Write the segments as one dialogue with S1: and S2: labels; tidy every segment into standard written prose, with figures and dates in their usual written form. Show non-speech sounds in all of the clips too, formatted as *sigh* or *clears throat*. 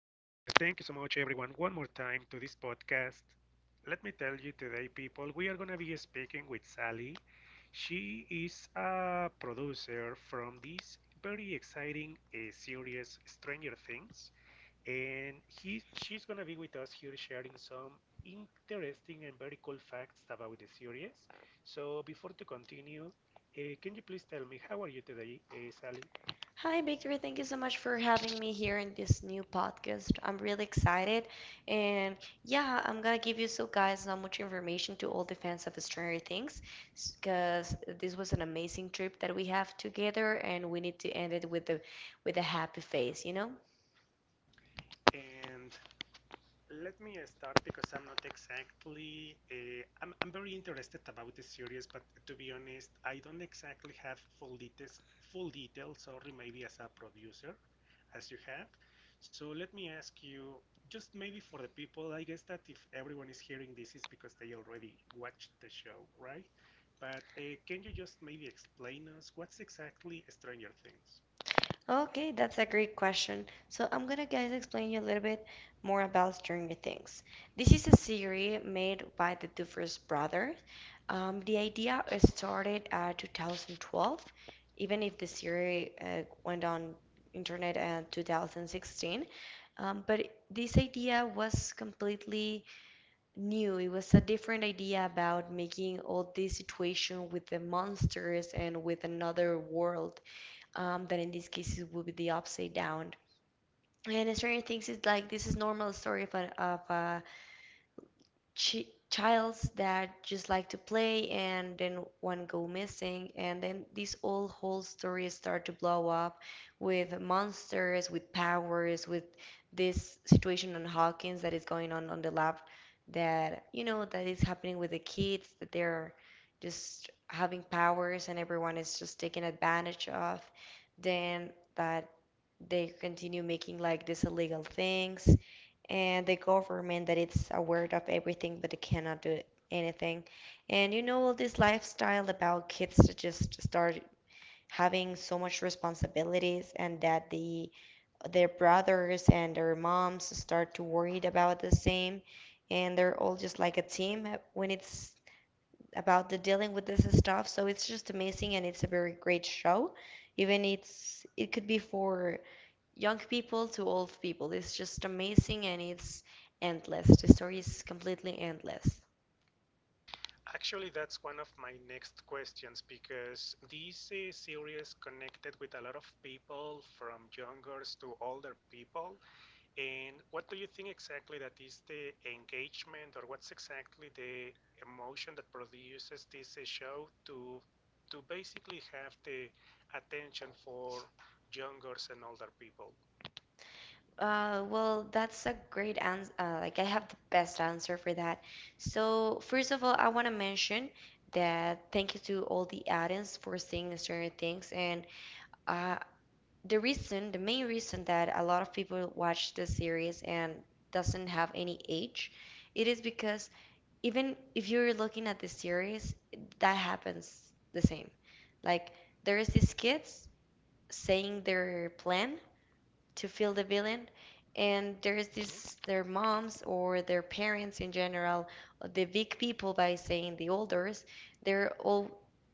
S1: Thank you so much, everyone, one more time to this podcast. Let me tell you today, people, we are going to be speaking with Sally. She is a producer from this very exciting series, Stranger Things, and she's going to be with us here sharing some interesting and very cool facts about the series. So, before to continue, can you please tell me how are you today, Sally?
S2: Hi, Victor. Thank you so much for having me here in this new podcast. I'm really excited. And yeah, I'm gonna give you so guys so much information to all the fans of Stranger Things, because this was an amazing trip that we have together and we need to end it with a happy face, you know?
S1: And let me start because I'm not exactly. I'm very interested about the series, but to be honest, I don't exactly have full details. Full details, sorry, maybe as a producer, as you have. So let me ask you, just maybe for the people, I guess that if everyone is hearing this, is because they already watched the show, right? But can you just maybe explain us what's exactly Stranger Things?
S2: Okay, that's a great question. So I'm gonna guys explain you a little bit more about Stranger Things. This is a series made by the Dufers brother. The idea started at 2012, even if the series went on internet in 2016. But this idea was completely new. It was a different idea about making all this situation with the monsters and with another world. That in this case it would be the upside down. And Stranger Things is like this is normal story of a chi childs that just like to play and then one go missing and then this all whole story start to blow up, with monsters, with powers, with this situation on Hawkins that is going on the lab, that you know that is happening with the kids, that they're just having powers and everyone is just taking advantage of then that they continue making like these illegal things, and the government that it's aware of everything but they cannot do anything. And you know all this lifestyle about kids to just start having so much responsibilities and that their brothers and their moms start to worried about the same, and they're all just like a team when it's about the dealing with this stuff. So it's just amazing and it's a very great show. Even it's it could be for young people to old people. It's just amazing and it's endless. The story is completely endless.
S1: Actually, that's one of my next questions because this series connected with a lot of people from youngers to older people. And what do you think exactly that is the engagement or what's exactly the emotion that produces this show to basically have the attention for youngers and older people?
S2: Well, that's a great answer. Like, I have the best answer for that. So, first of all, I want to mention that thank you to all the audience for seeing Stranger Things. And uh, the reason, the main reason that a lot of people watch this series and doesn't have any age, it is because even if you're looking at the series, that happens the same. Like there is these kids saying their plan to feel the villain. And there's this their moms or their parents in general, the big people by saying the elders, they're all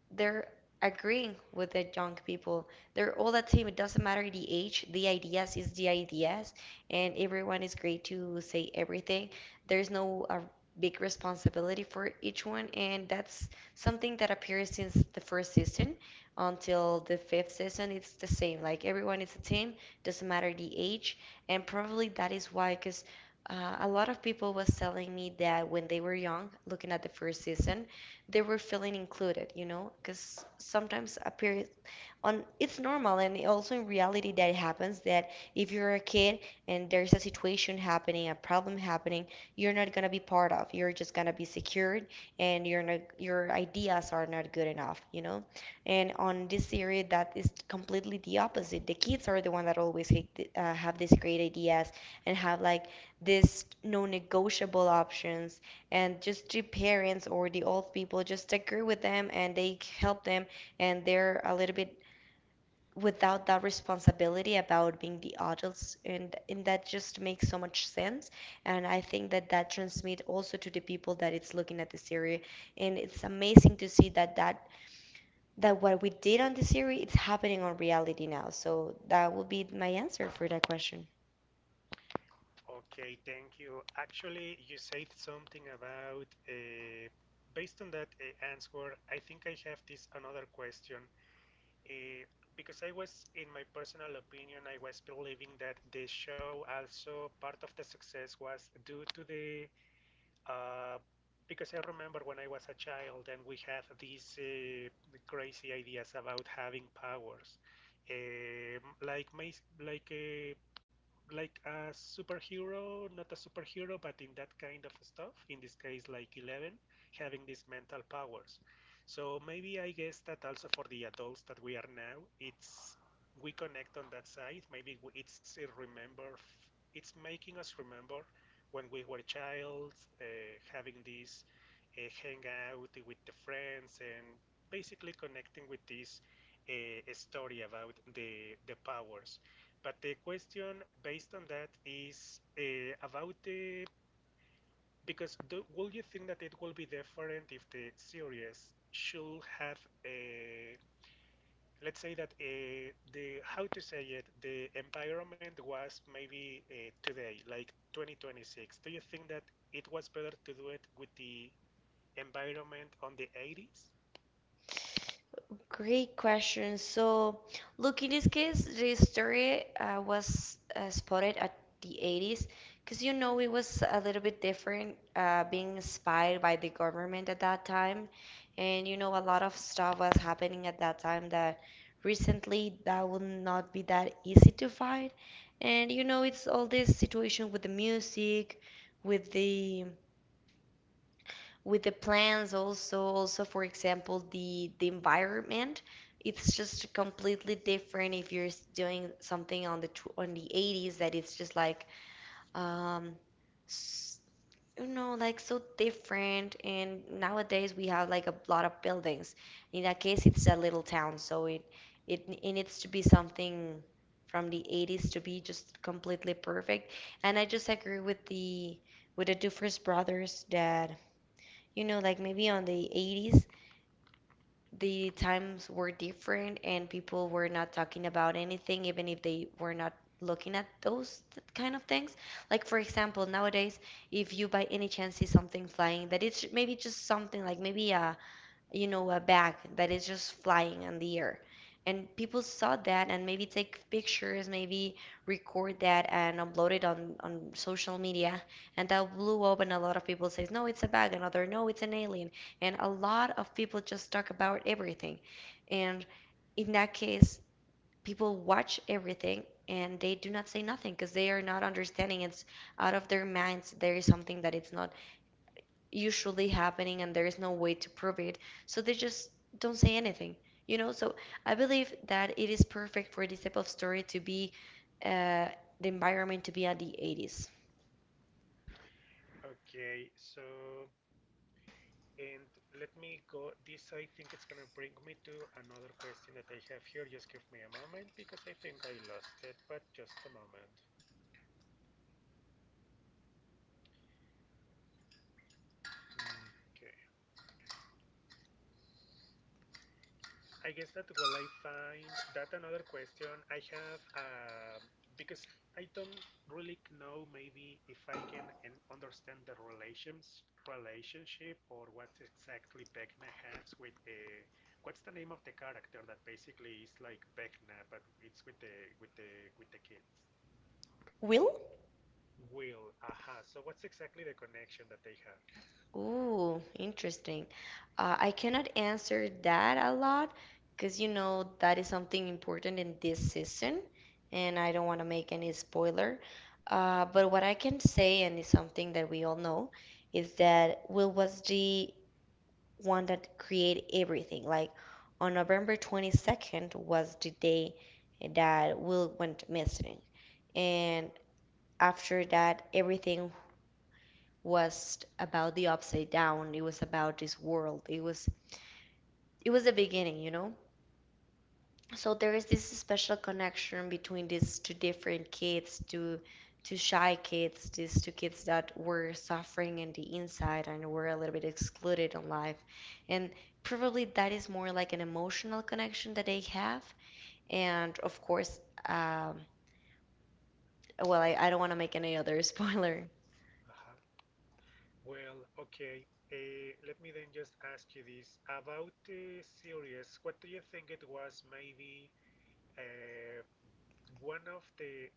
S2: they're agreeing with the young people. They're all the same. It doesn't matter the age. The ideas is the ideas, and everyone is great to say everything. There's no big responsibility for each one, and that's something that appears since the first season until the fifth season. It's the same. Like everyone is a team, doesn't matter the age. And probably that is why, because a lot of people was telling me that when they were young, looking at the first season, they were feeling included, you know, because sometimes appear on it's normal and also in reality that it happens that if you're a kid and there's a situation happening, a problem happening, you're not going to be part of, you're just going to be secured, and you're not, your ideas are not good enough, you know, and on this series that is completely the opposite. The kids are the one that always have these great ideas and have like these non-negotiable options, and just the parents or the old people just agree with them and they help them, and they're a little bit without that responsibility about being the adults, and that just makes so much sense. And I think that that transmit also to the people that it's looking at the series, and it's amazing to see that what we did on the series it's happening on reality now. So that would be my answer for that question.
S1: Okay, thank you. Actually, you said something about based on that answer, I think I have this another question. Uh, because I was, in my personal opinion, I was believing that the show also part of the success was due to the. Uh, because I remember when I was a child and we had these crazy ideas about having powers. Like my, like uh, like a superhero, not a superhero, but in that kind of stuff. In this case, like Eleven, having these mental powers. So maybe I guess that also for the adults that we are now, it's we connect on that side. Maybe it's a remember, it's making us remember when we were child, uh, having this hangout with the friends and basically connecting with this uh, story about the powers. But the question based on that is about the because do, will you think that it will be different if the series should have a let's say that the how to say it the environment was maybe today like 2026? Do you think that it was better to do it with the environment on the 80s?
S2: Great question. So, look, in this case, the story was spotted at the 80s, because you know it was a little bit different, being inspired by the government at that time, and you know a lot of stuff was happening at that time that recently that would not be that easy to find, and you know it's all this situation with the music, with the with the plants, also for example the environment. It's just completely different if you're doing something on the on the 80s, that it's just like um s- you know like so different. And nowadays we have like a lot of buildings. In that case it's a little town, so it needs to be something from the 80s to be just completely perfect. And I just agree with the Dufres brothers, that you know, like maybe on the 80s, the times were different and people were not talking about anything, even if they were not looking at those kind of things. Like, for example, nowadays, if you by any chance see something flying, that it's maybe just something like maybe a, you know, a bag that is just flying in the air. And people saw that and maybe take pictures, maybe record that and upload it on social media. And that blew up and a lot of people says, no, it's a bag. Another, no, it's an alien. And a lot of people just talk about everything. And in that case, people watch everything and they do not say nothing because they are not understanding. It's out of their minds. There is something that it's not usually happening and there is no way to prove it. So they just don't say anything, you know? So I believe that it is perfect for this type of story to be, uh, the environment to be at the 80s.
S1: Okay, so and let me go. This, I think, it's going to bring me to another question that I have here. Just give me a moment because I think I lost it, but just a moment. Okay. I guess that while I find that another question, I have, because I don't really know maybe if I can understand the relationship or what exactly Vecna has with a what's the name of the character that basically is like Vecna, but it's with the with the with the kids.
S2: Will?
S1: Will, aha. So what's exactly the connection that they have?
S2: Ooh, interesting. I cannot answer that a lot because you know that is something important in this season, and I don't want to make any spoiler. But what I can say, and it's something that we all know, is that Will was the one that created everything. Like on November 22nd was the day that Will went missing. And after that, everything was about the upside down. It was about this world. It was the beginning, you know? So there is this special connection between these two different kids, two shy kids, these two kids that were suffering in the inside and were a little bit excluded in life, and probably that is more like an emotional connection that they have. And of course, um, well I don't want to make any other *laughs* spoiler.
S1: Aha. Well, okay. Let me then just ask you this about the series. What do you think it was? Maybe uh, one of the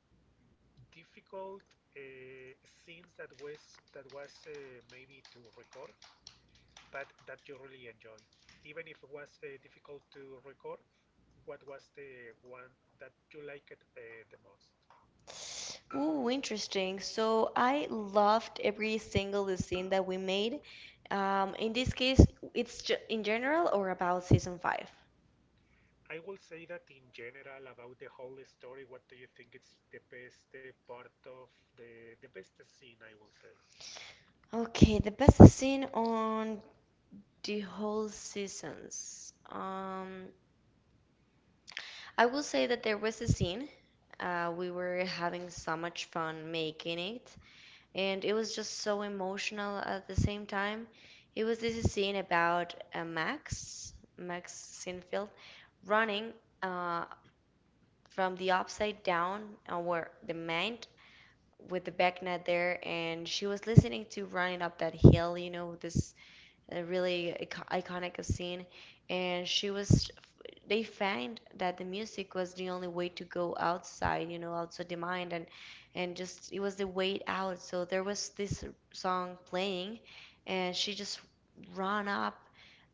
S1: difficult uh, scenes that was maybe to record, but that you really enjoyed, even if it was difficult to record. What was the one that you liked the most?
S2: Ooh, interesting. So I loved every single scene that we made. In this case, it's ju in general or about season five?
S1: I will say that in general about the whole story, what do you think is the best part of the best scene? I will say.
S2: Okay, the best scene on the whole seasons. I will say that there was a scene. We were having so much fun making it, and it was just so emotional at the same time. It was this scene about Max, Max Sinfield,
S1: Uh-huh.
S2: running uh, from the upside down, where the man with the back net there, and she was listening to running up that hill, you know, this a really iconic scene. And she was, they found that the music was the only way to go outside, you know, outside the mind, and just it was the way out. So there was this song playing, and she just ran up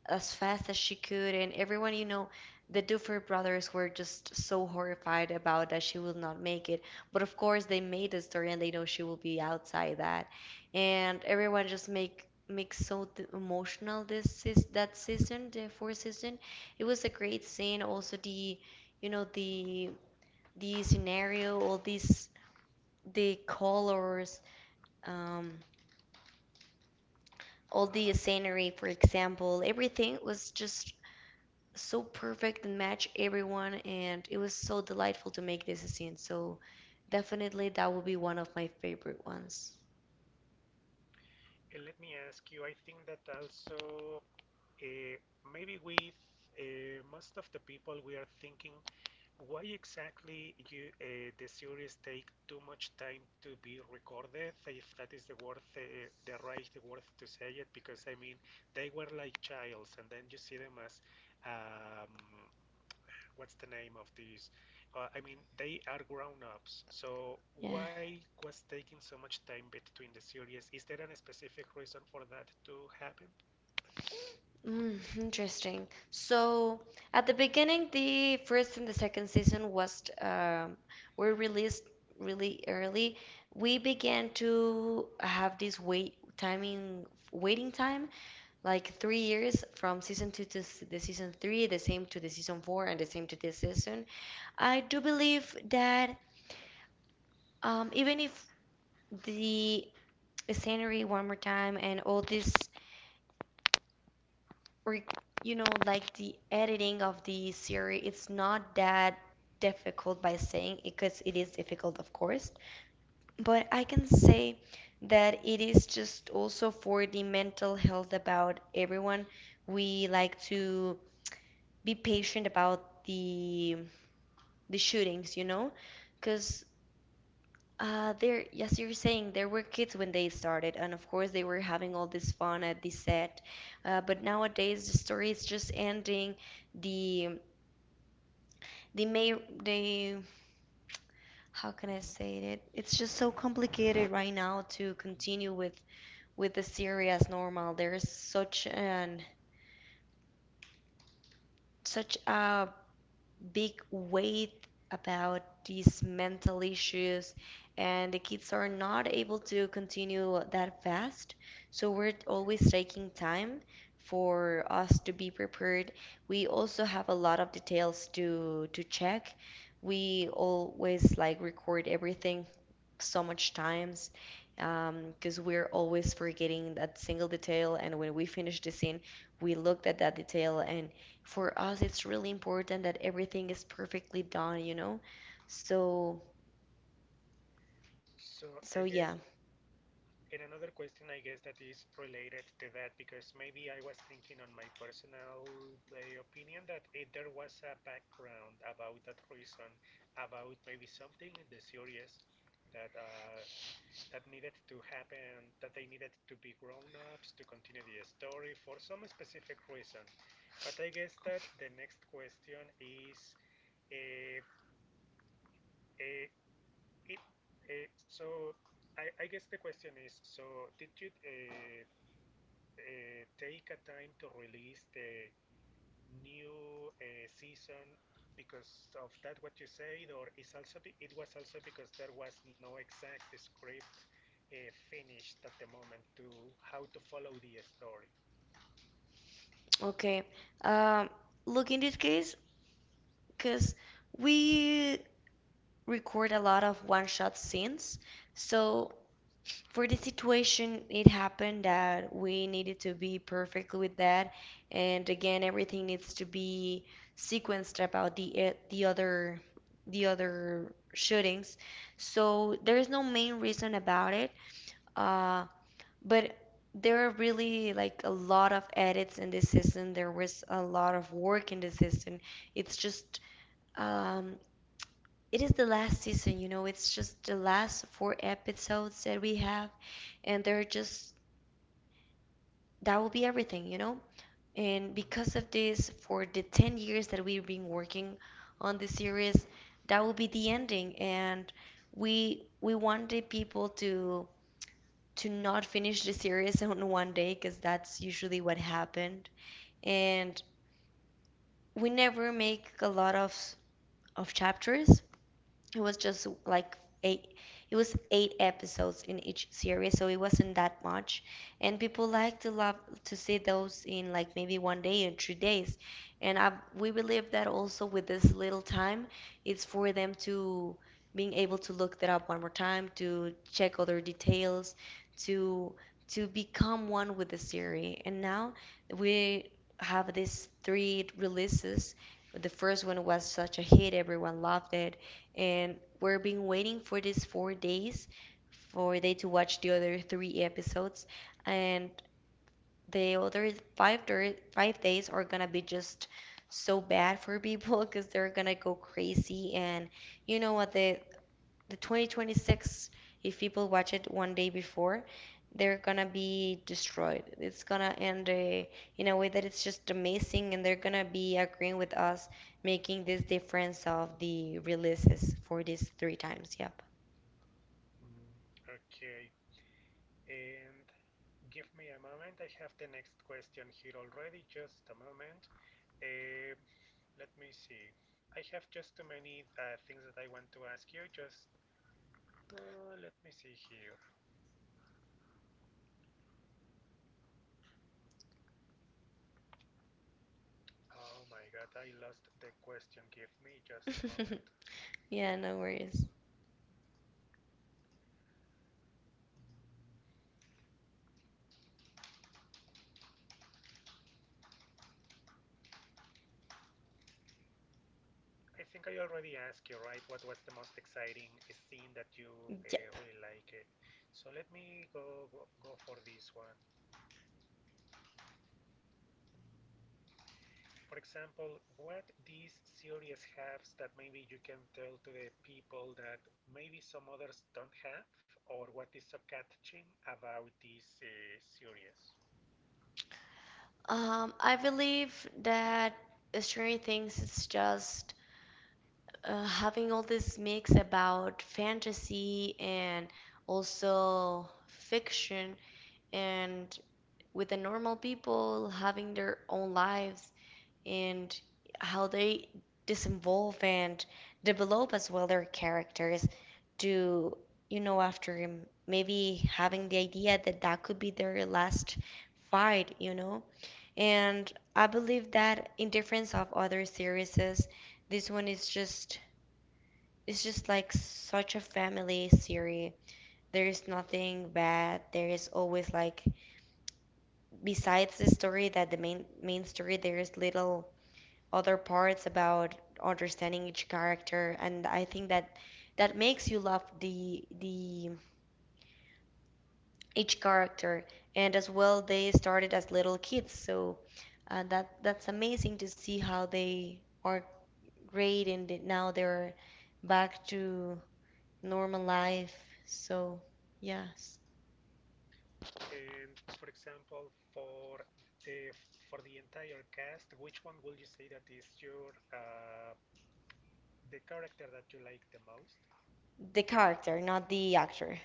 S2: as fast as she could, and everyone, you know, the Duffer brothers were just so horrified about that she will not make it. But of course, they made the story, and they know she will be outside that, and everyone just makes so emotional this is that season, the fourth season. It was a great scene. Also, the, you know, the scenario, all these the colors, um, all
S1: Uh
S2: the
S1: huh.
S2: scenery, for example, everything was just so perfect and match everyone, and it was so delightful to make this a scene. So definitely that will be one of my favorite ones.
S1: And let me ask you, I think that also uh, maybe with most of the people we are thinking why exactly you the series take too much time to be recorded, if that is the word, the right word to say it, because I mean they were like childs, and then you see them as um, what's the name of these? I mean, they are grown-ups, so
S2: Yeah.
S1: why was taking so much time between the series? Is there a specific reason for that to happen?
S2: Interesting. So at the beginning the first and the second season was were released really early. We began to have this wait timing waiting time like 3 years from season two to the season three, the same to the season four and the same to this season. I do believe that, even if the scenery one more time and all this, or you know, like the editing of the series, it's not that difficult by saying it, because it is difficult, of course. But I can say that it is just also for the mental health about everyone. We like to be patient about the shootings, you know, because there, yes, you're saying there were kids when they started, and of course they were having all this fun at the set. But nowadays the story is just ending. The the may they, how can I
S1: Mm-hmm.
S2: say it? It's just so complicated right now to continue with the series as normal. There is such a big weight about these mental issues, and the kids are not able to continue that fast. So we're
S1: Okay.
S2: always taking time for us to be prepared. We also have a lot of details to check. We always like record everything so much times because we're always forgetting that single detail, and when we finish the scene we looked at that detail. And for us it's really important that everything is perfectly done. so
S1: So I
S2: so
S1: guess,
S2: yeah.
S1: and another question I guess that is related to that because maybe I was thinking on my personal opinion that if there was a background about that reason, about maybe something in the series that that needed to happen, that they needed to be grown ups to continue the story for some specific reason. But I guess that the next question is uh, uh, it, so I guess the question is so did you take a time to release the new season because of that what you said, or is also be, it was also because there was no exact script finished at the moment to how to follow the story.
S2: Okay. um Look, in this case, because we record a lot of one shot scenes, so for the situation it happened that we needed to be perfect with that. And again, everything needs to be sequenced about the other shootings. So there is no main reason about it, uh, but there are really like a lot of edits in this season. There was a lot of work in this season. It's just um, it is the last season, you know, it's just the last four episodes that we have. And there are just that will be everything, you know? And
S1: Mm-hmm.
S2: because of this, for the 10 years that we've been working on this series, that will be the ending. And we wanted people to not finish the series *laughs* on one day, because that's usually what happened. And we never make a lot of chapters. It was just like eight, it was eight episodes in each series, so it wasn't that much. And people like to love to see those in like maybe one day or 3 days. And I We believe that also with this little time, it's for them to being able to look that up one more time, to check other details, to to become one with the series. And now we have these three releases. The first one was such a hit, everyone loved it, and we've been waiting for these 4 days for they to watch the other three episodes, and the other five days are gonna be just so bad for *laughs* people because they're gonna go crazy. And you know what, the 2026, if people watch it one day before, they're gonna be destroyed. It's gonna end in a way that it's just amazing, and they're gonna be agreeing with us making this difference of the releases for these three times. Yep.
S1: Okay, and give me a moment. I have the next question here already. Just a moment. Um let me see. I have just too many things that I want to ask you. Just let me see here. Oh my god, I lost the question. Give me just a moment.
S2: *laughs* Yeah, no worries.
S1: I think I already asked you, right? What was the most exciting scene that you
S2: Yep.
S1: really liked? It? So let me go for this one. For example, what these series have that maybe you can tell to the people that maybe some others don't have, or what is so catching about this series?
S2: I believe that Stranger Things is just having all this mix about fantasy and also fiction, and with the normal people having their own lives and how they disinvolve and develop as well their characters to, you know, after him, maybe having the idea that that could be their last fight, you know. And I believe that in difference of other series, this one is just it's just like such a family series. There is nothing bad, there is always like besides the story that the main story there's little other parts about understanding each character. And I think that makes you love the each character. And as well they started as little kids, so that's amazing to see how they are great and now they're back to normal life. So yes.
S1: And for example, the for the entire cast, which one would you say that is your the character that you like the most?
S2: The character, not the actor.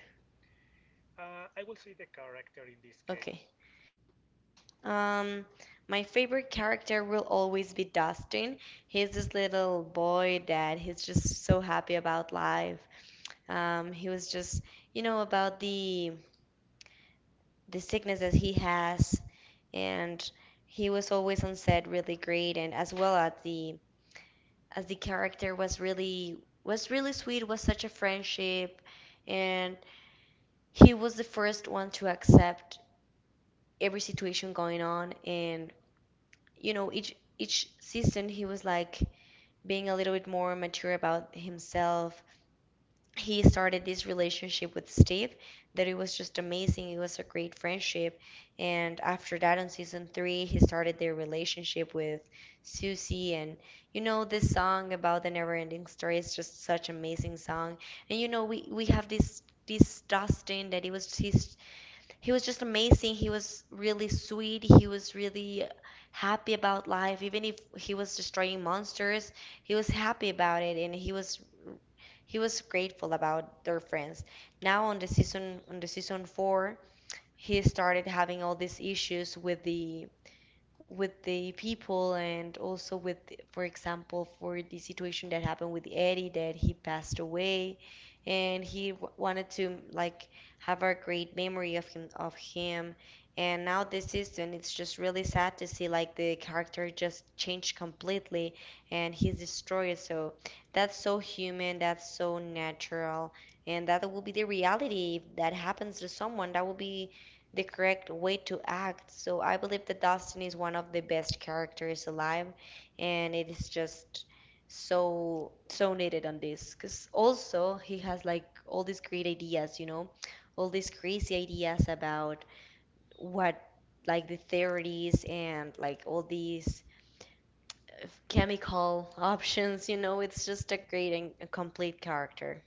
S1: I will say the character in this
S2: Okay.
S1: case.
S2: Um, my favorite character will always be Dustin. He's this little boy that he's just so happy about life. He was just, you know, about the sickness that he has, and he was always on set really great. And as well as the character was really sweet, was such a friendship. And he was the first one to accept every situation going on. And you know, each season he was like being a little bit more mature about himself. He started this relationship with Steve, that it was just amazing, it was a great friendship. And after that, on season three, he started their relationship with Susie. And you know, this song about the never ending story is just such amazing song. And you know, we have this Dustin, that it was his, he was just amazing. He was really sweet. He was really happy about life. Even if he was destroying monsters, he was happy about it. And he was grateful about their friends. Now on the season 4, he started having all these issues with the people and also with, for example, for the situation that happened with Eddie, that he passed away. And he wanted to like have a great memory of him. And now this season, it's just really sad to see like the character just changed completely, and he's destroyed. So that's so human, that's so natural, and that will be the reality if that happens to someone. That will be the correct way to act. So I believe that Dustin is one of the best characters alive, and it is just so needed on this, because also he has like all these great ideas, you know, all these crazy ideas about what like the theories and like all these chemical *laughs* options, you know. It's just a great and a complete character.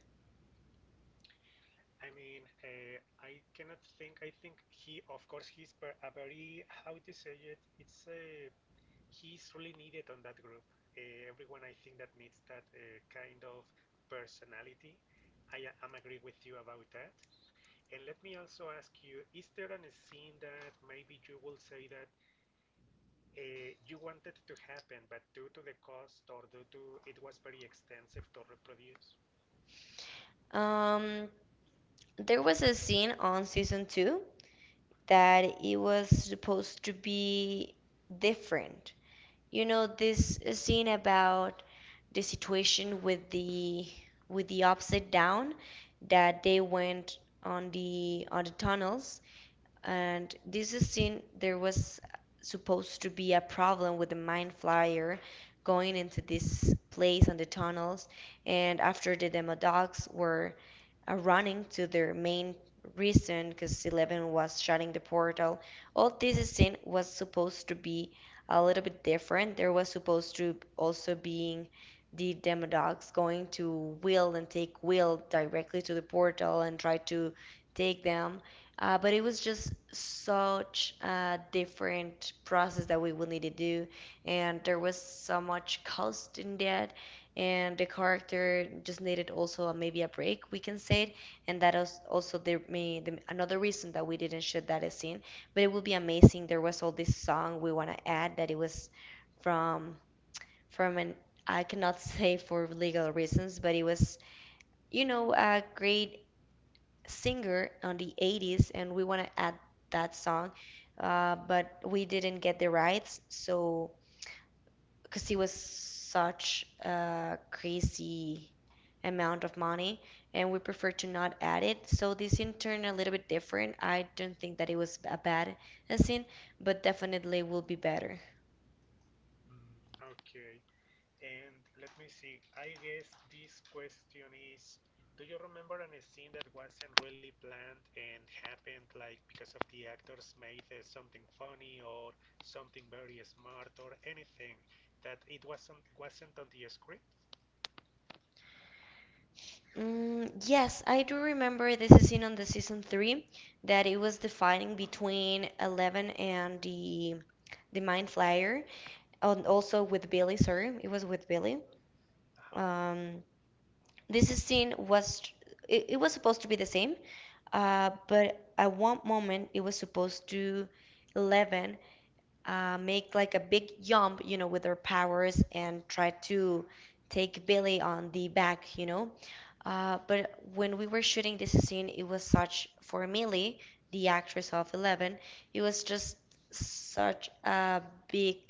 S1: I mean, I cannot think. I think he, of course, he's a very how to say it. It's a he's really needed on that group. Everyone, I think, that needs that kind of personality. I am agree with you about that. And let me also ask you, is there a scene that maybe you will say that you wanted to happen, but due to the cost or due to it was very extensive to reproduce?
S2: Um, there was a scene on season two that it was supposed to be different. You know, this scene about the situation with the upside down that they went on the tunnels. And this scene there was supposed to be a problem with the mind flyer going into this place on the tunnels. And after the demodogs were running to their main reason because Eleven was shutting the portal. All this scene was supposed to be a little bit different. There was supposed to also being the Demodogs going to Will and take Will directly to the portal and try to take them. But it was just such a different process that we will need to do, and there was so much cost in that. And the character just needed also maybe a break, we can say it. And that is also the another reason that we didn't shoot that scene. But it would be amazing. There was all this song we want to add that it was from from an I cannot *laughs* say for legal reasons, but it was, you know, a great singer on the 80s, and we want to add that song, but we didn't get the rights, so because it was such a crazy amount of money, and we prefer to not add it. So this in turn a little bit different. I don't think that it was a bad scene, but definitely will be better.
S1: Mm, okay. And let me see, I guess this question is, do you remember an scene that wasn't really planned and happened like because of the actors made something funny or something very smart or anything that it wasn't on the script?
S2: Mm, yes, I do remember this scene on the season three that it was the fighting between Eleven and the Mind Flyer, and also with Billy. Sorry, it was with Billy.
S1: Uh-huh.
S2: Um, this scene was it was supposed to be the same. But at one moment, it was supposed to Eleven make like a big jump, you know, with her powers and try to take Billy on the back, you know. But when we were shooting this scene, it was such, for Millie, the actress of Eleven, it was just such a big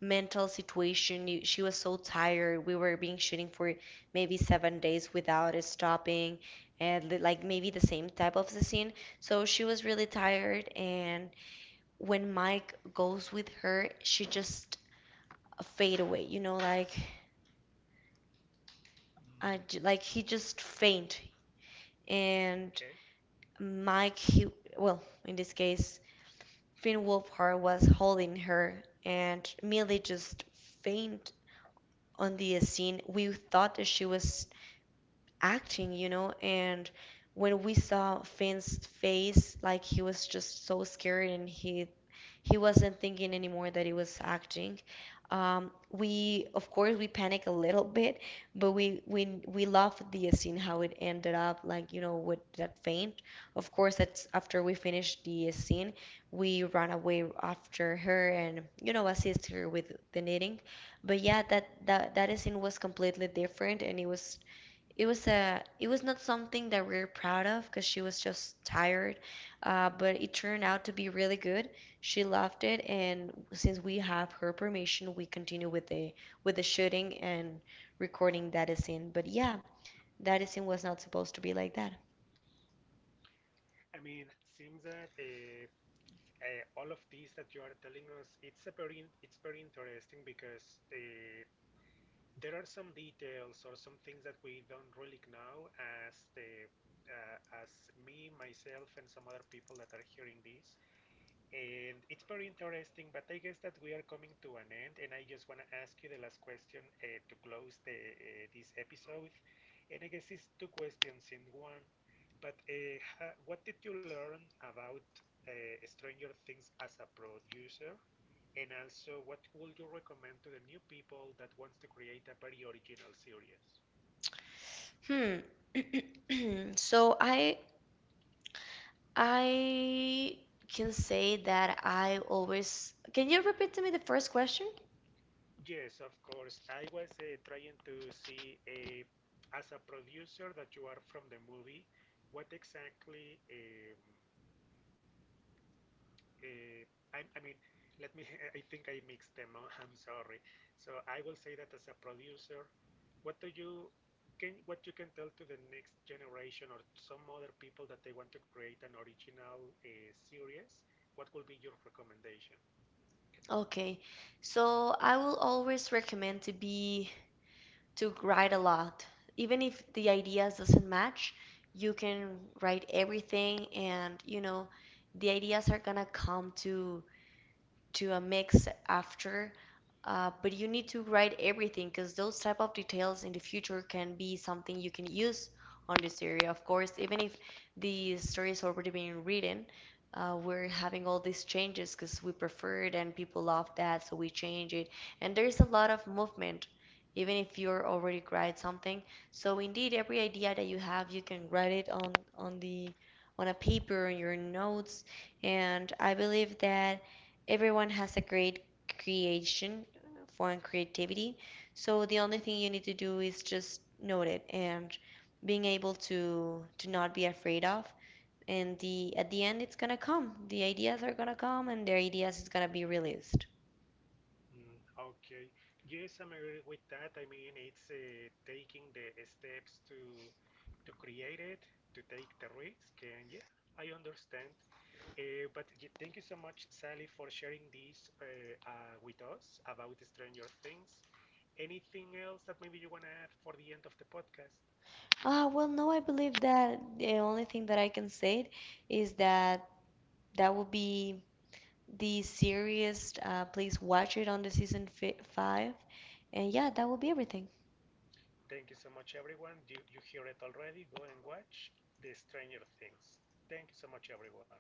S2: mental situation. You- She was so tired. We were being shooting for maybe 7 days without it stopping, and like maybe the same type of the scene. So she was really tired. And when Mike goes with her, she just fade away. You know, like I
S1: Mm.
S2: j like he just faint. And
S1: Okay.
S2: Mike, he, well, in this case, Finn Wolfhard was holding her, and Millie just fainted on the scene. We thought that she was acting, you know. And when we saw Finn's face, like he was just so scared and he wasn't thinking anymore that he was acting. We, of course, we panic a little bit, but we love the scene how it ended up, like, you know, with that faint. Of course, that's after we finished the scene, we ran away after her. And you know, assist her with the knitting. But yeah, that scene was completely different. And it was not something that we're proud of, because she was just tired, but it turned out to be really good. She loved it. And since we have her permission, we continue with the shooting and recording that scene. But yeah, that scene was not supposed to be like that.
S1: I mean, it seems that all of these that you are telling us, it's a very, it's very interesting because there are some details or some things that we don't really know as the, uh, as me, myself, and some other people that are hearing this. And it's very interesting, but I guess that we are coming to an end, and I just want to ask you the last question to close the this episode. And I guess it's two questions in one. But what did you learn about Stranger Things as a producer? And also, what would you recommend to the new people that wants to create a very original series?
S2: Hmm. *clears throat* So I can say that I always. Can you repeat to me the first question?
S1: Yes, of course. I was trying to see, as a producer that you are from the movie, what exactly, uh, I mean, let me, *laughs* I think I mixed them up. *laughs* I'm sorry. So I will say that as a producer, what do you can, what you can tell to the next generation or some other people that they want to create an original series? What will be your recommendation?
S2: Okay. So I will always recommend to be to write a lot. Even if the ideas doesn't match, you can write everything. And you know, the ideas are gonna come to a mix after, but you need to write everything, because those type of details in the future can be something you can use on this area. Of course, even if the story is already being written, we're having all these changes because we prefer it and people love that so we change it. And there's a lot of movement even if you're already write something. So indeed every idea that you have you can write it on a paper on your notes. And I believe that everyone has a great creation for creativity. So the only thing you need to do is just note it and being able to not be afraid of. And the at the end it's gonna come. The ideas are gonna come and their ideas is gonna be released.
S1: Mm, okay. Yes, I'm agree with that. I mean, it's taking the steps to create it, to take the risk, and yeah, I understand. But y thank you so much, Sally, for sharing this with us about Stranger Things. Anything else that maybe you want to add for the end of the podcast?
S2: Ah, well, no, I believe that the only thing that I can say is that that will be the series. Please watch it on the season fi five. And yeah, that will be everything.
S1: Thank you so much, everyone. You hear it already. Go and watch the Stranger Things. Thank you so much, everyone.